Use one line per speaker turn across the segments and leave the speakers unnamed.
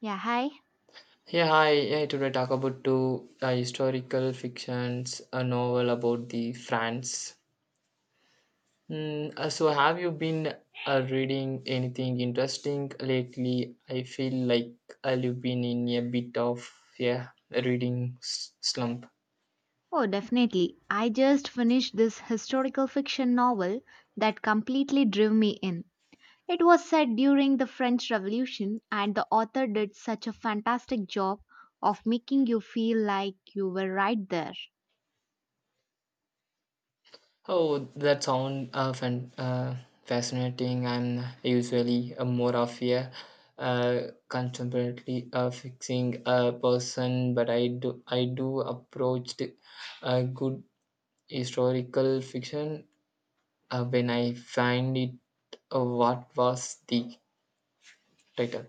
Yeah, hi.
Yeah, hi. Yeah, today talk about two historical fictions, a novel about the France. Have you been reading anything interesting lately? I feel like I've been in a bit of yeah a reading slump.
Oh, definitely. I just finished this historical fiction novel that completely drew me in. It was set during the French Revolution, and the author did such a fantastic job of making you feel like you were right there.
Oh, that sound fascinating. I'm usually more of a uh, contemporary fixing person, but I do approach the good historical fiction when I find it. What was the title?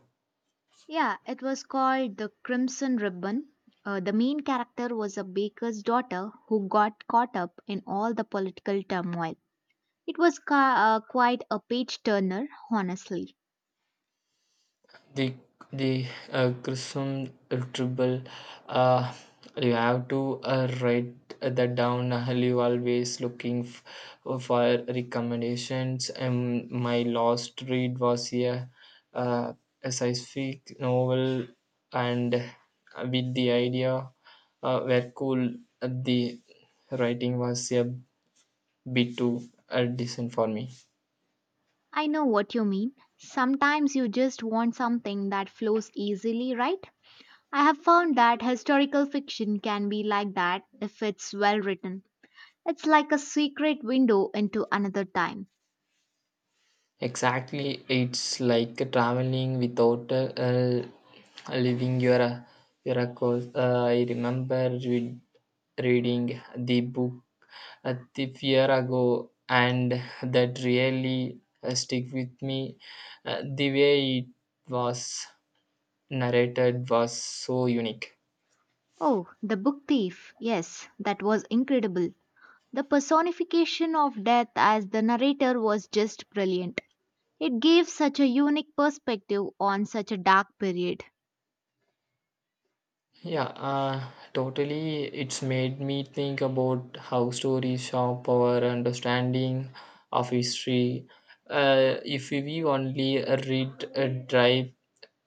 Yeah, it was called The Crimson Ribbon. The main character was a baker's daughter who got caught up in all the political turmoil. It was quite a page turner, honestly.
The the Chrism triple. Uh, you have to write that down. You always looking for recommendations. My last read was uh, a scientific novel, and with the idea were cool. The writing was a bit too decent for me.
I know what you mean. Sometimes you just want something that flows easily, right? I have found that historical fiction can be like that if it's well written. It's like a secret window into another time.
Exactly, it's like traveling without leaving your course. I remember reading the book the year ago, and that really stick with me. The way it was narrated was so unique.
Oh, The Book Thief. Yes, that was incredible. The personification of death as the narrator was just brilliant. It gave such a unique perspective on such a dark period.
Yeah, totally. It's made me think about how stories shape our understanding of history. If we only read uh, dry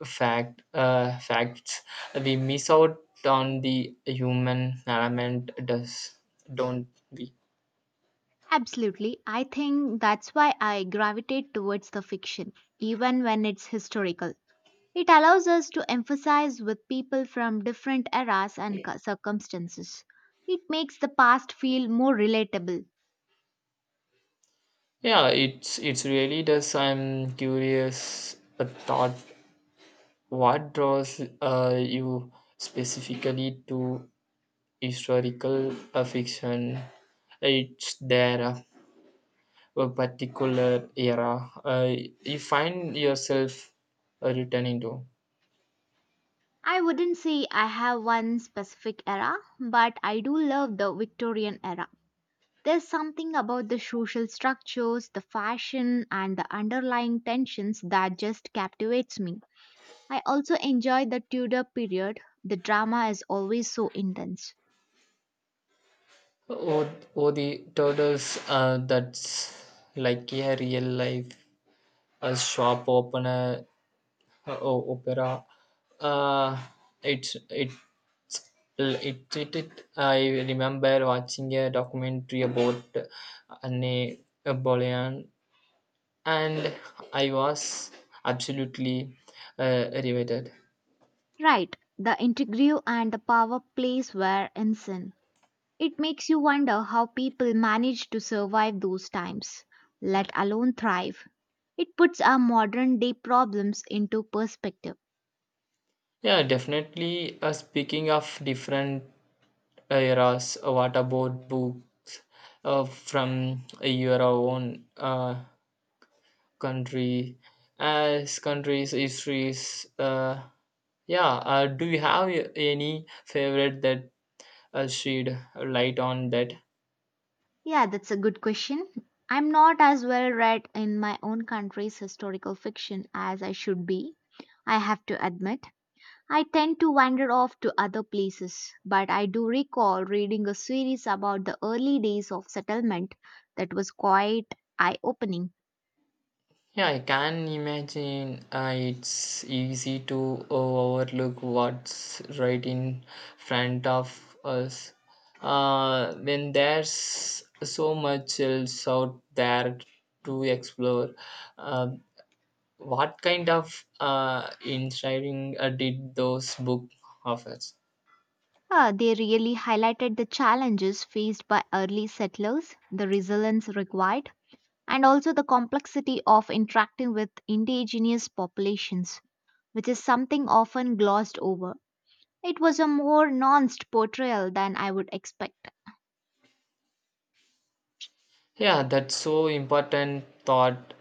fact uh, facts, we miss out on the human element. Does Don't we?
Absolutely. I think that's why I gravitate towards the fiction, even when it's historical. It allows us to emphasize with people from different circumstances. It makes the past feel more relatable.
Yeah, it's really does. I'm curious. A thought. What draws you specifically to historical fiction it's their a particular era you find yourself returning to
I wouldn't say I have one specific era, but I do love the Victorian era. There's something about the social structures, the fashion, and the underlying tensions that just captivates me. I also enjoy the Tudor period. The drama is always so intense.
or, or the turtles that's like a real life a shop opener opera uh, it's it it, it, it I remember watching a documentary about Anne Boleyn and I was absolutely riveted.
Right, the intrigue and the power plays were insane. It makes you wonder how people managed to survive those times, let alone thrive. It puts our modern day problems into perspective.
Yeah, definitely. Speaking of different eras, what about books from your own country, as countries, histories? Yeah, do you have any favorite that shed light on that?
Yeah, that's a good question. I'm not as well read in my own country's historical fiction as I should be, I have to admit. I tend to wander off to other places, but I do recall reading a series about the early days of settlement that was quite eye opening.
Yeah, I can imagine it's easy to overlook what's right in front of us. When there's so much else out there to explore, uh, what kind of inspiring did those books offer?
They really highlighted the challenges faced by early settlers, the resilience required, and also the complexity of interacting with indigenous populations, which is something often glossed over. It was a more nuanced portrayal than I would expect.
Yeah, that's so important thought.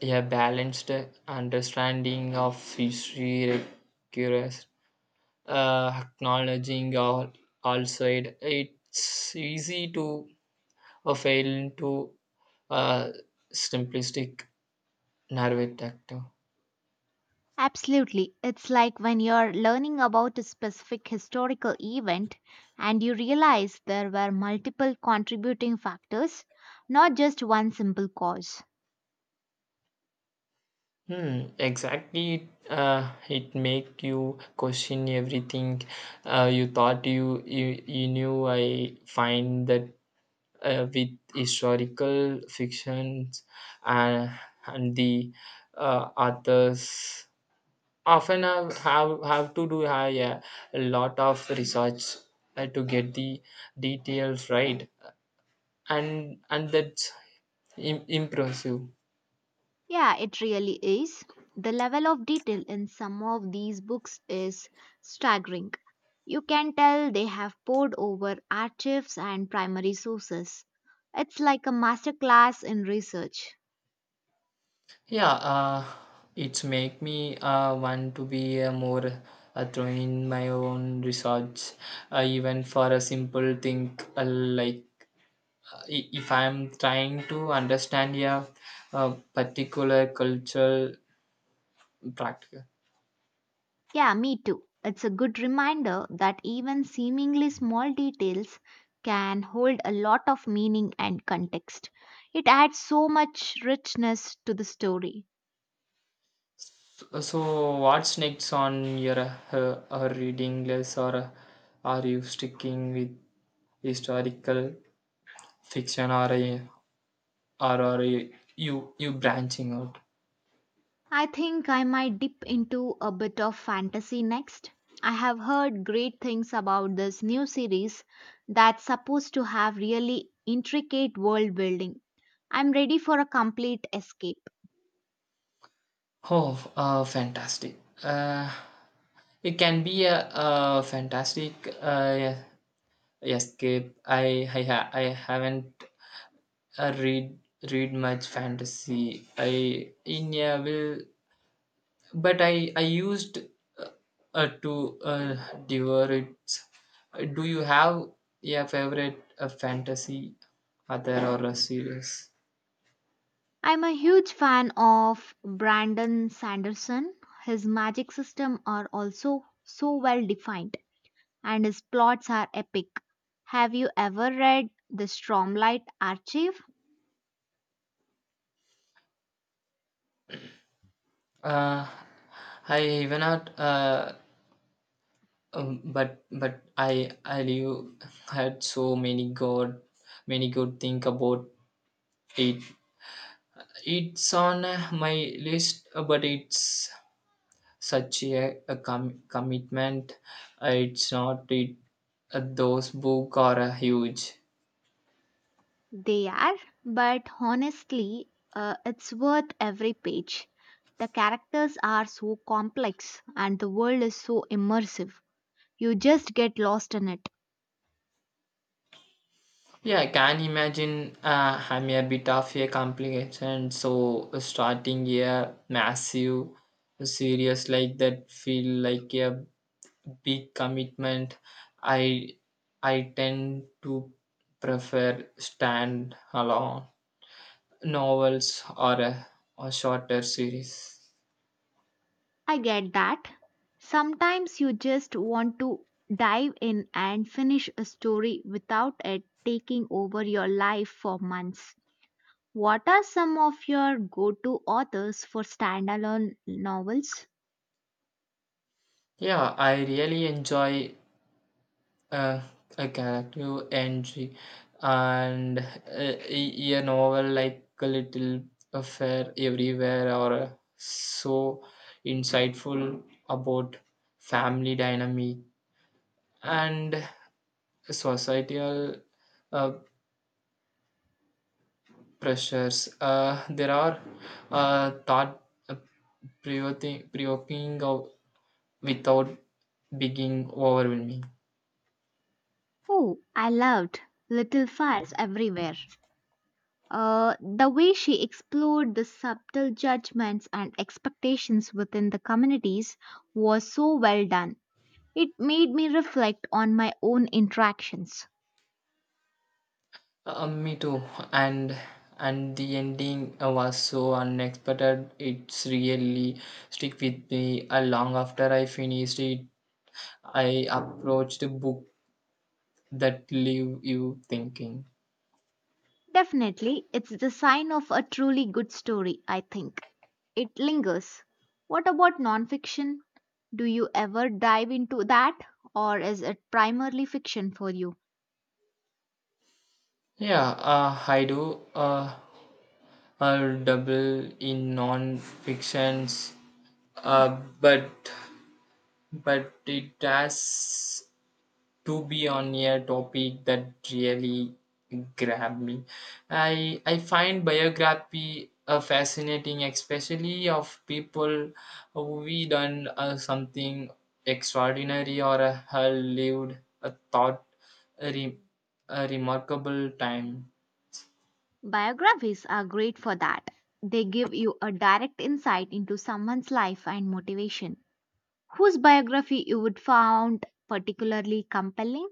A balanced understanding of history requires acknowledging all side it's easy to fail into a simplistic narrative actor
Absolutely. It's like when you're learning about a specific historical event and you realize there were multiple contributing factors, not just one simple cause.
exactly it make you question everything you thought you knew I find that with historical fictions and, and the authors often have to do a lot of research to get the details right and that's impressive
Yeah, it really is. The level of detail in some of these books is staggering. You can tell they have poured over archives and primary sources. It's like a masterclass in research.
yeah it's make me want to be more throw in my own research even for a simple thing like if I'm trying to understand a particular cultural practice
Yeah, me too. It's a good reminder that even seemingly small details can hold a lot of meaning and context. It adds so much richness to the story.
So, what's next on your her, her reading list, or are you sticking with historical fiction, or are you you branching out?
I think I might dip into a bit of fantasy next. I have heard great things about this new series that's supposed to have really intricate world building. I'm ready for a complete escape.
Oh, fantastic! It can be a fantastic escape. I haven't uh, read read much fantasy. I in a will but I used uh, to devour it. Do you have a favorite fantasy author or a series?
I'm a huge fan of Brandon Sanderson. His magic system are also so well defined and his plots are epic. Have you ever read the Stormlight Archive?
Uh, I even not, but I knew had many good think about it. It's on my list, but it's such a commitment. It's not it. Those book are huge.
They are, but honestly, it's worth every page. The characters are so complex and the world is so immersive. You just get lost in it.
Yeah, I can imagine. I'm a bit of a complication, so starting a massive series like that feel like a big commitment. I I tend to prefer stand alone novels or a shorter series.
I get that. Sometimes you just want to dive in and finish a story without it taking over your life for months. What are some of your go to authors for standalone novels?
Yeah, I really enjoy uh, a character entry, and a novel like a little affair everywhere or so insightful about family dynamic and societal uh, pressures there are thought provoking provoking without being overwhelming
Oh, I loved Little Fires Everywhere. The way she explored the subtle judgments and expectations within the communities was so well done. It made me reflect on my own interactions.
Me too. And the ending was so unexpected. It's really stick with me. Long after I finished it, I approached a book that leave you thinking.
Definitely, it's the sign of a truly good story, I think. It lingers. What about nonfiction? Do you ever dive into that, or is it primarily fiction for you?
Yeah, I do. I double in non-fictions, uh, but but it has to be on a topic that really grabbed me. I find biography fascinating, especially of people who done something extraordinary or have lived a thought a, re- a remarkable time.
Biographies are great for that. They give you a direct insight into someone's life and motivation. Whose biography you would found particularly compelling?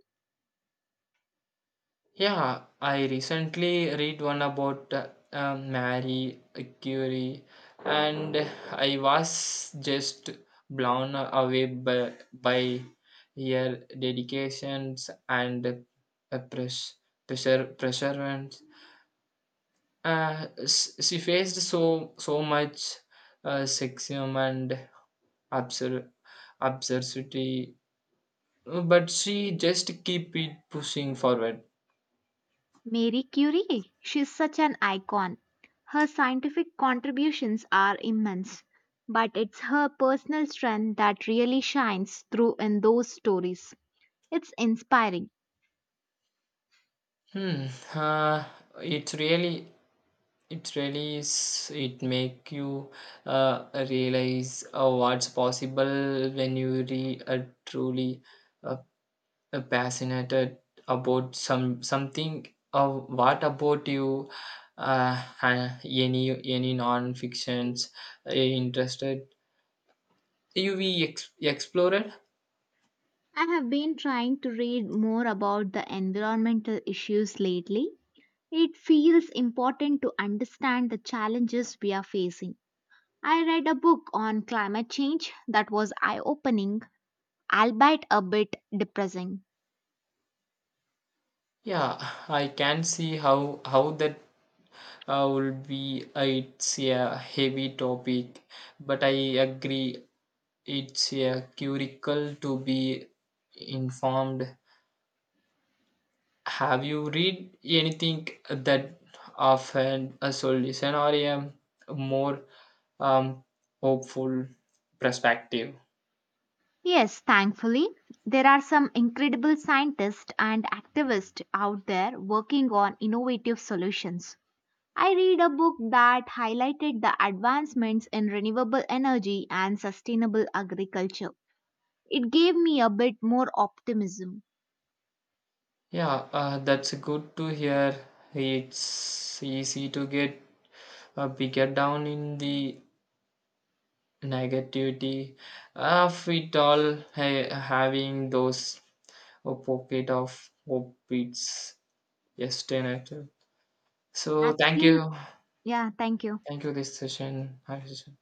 Yeah, I recently read one about Marie Curie, and I was just blown away by her dedications and pressure perseverance. She faced so much sexism and absur- absurdity, but she just keep it pushing forward.
Marie Curie, she's such an icon. Her scientific contributions are immense, but it's her personal strength that really shines through in those stories. It's inspiring.
Hmm. Uh, it really, it really is. It make you realize what's possible when you re truly uh, passionate about something. What about you? Any non-fictions interested? You we ex explored?
I have been trying to read more about the environmental issues lately. It feels important to understand the challenges we are facing. I read a book on climate change that was eye opening, albeit a bit depressing.
Yeah, I can see how that would be it's a heavy topic but I agree it's a curricle to be informed have you read anything that offered a solution or a more um, hopeful perspective
Yes, thankfully, there are some incredible scientists and activists out there working on innovative solutions. I read a book that highlighted the advancements in renewable energy and sustainable agriculture. It gave me a bit more optimism.
yeah that's good to hear it's easy to get bigger down in the negativity of it all having those a pocket of hope it's yesterday so
Absolute. Yeah, thank you.
thank you this session Hi, session.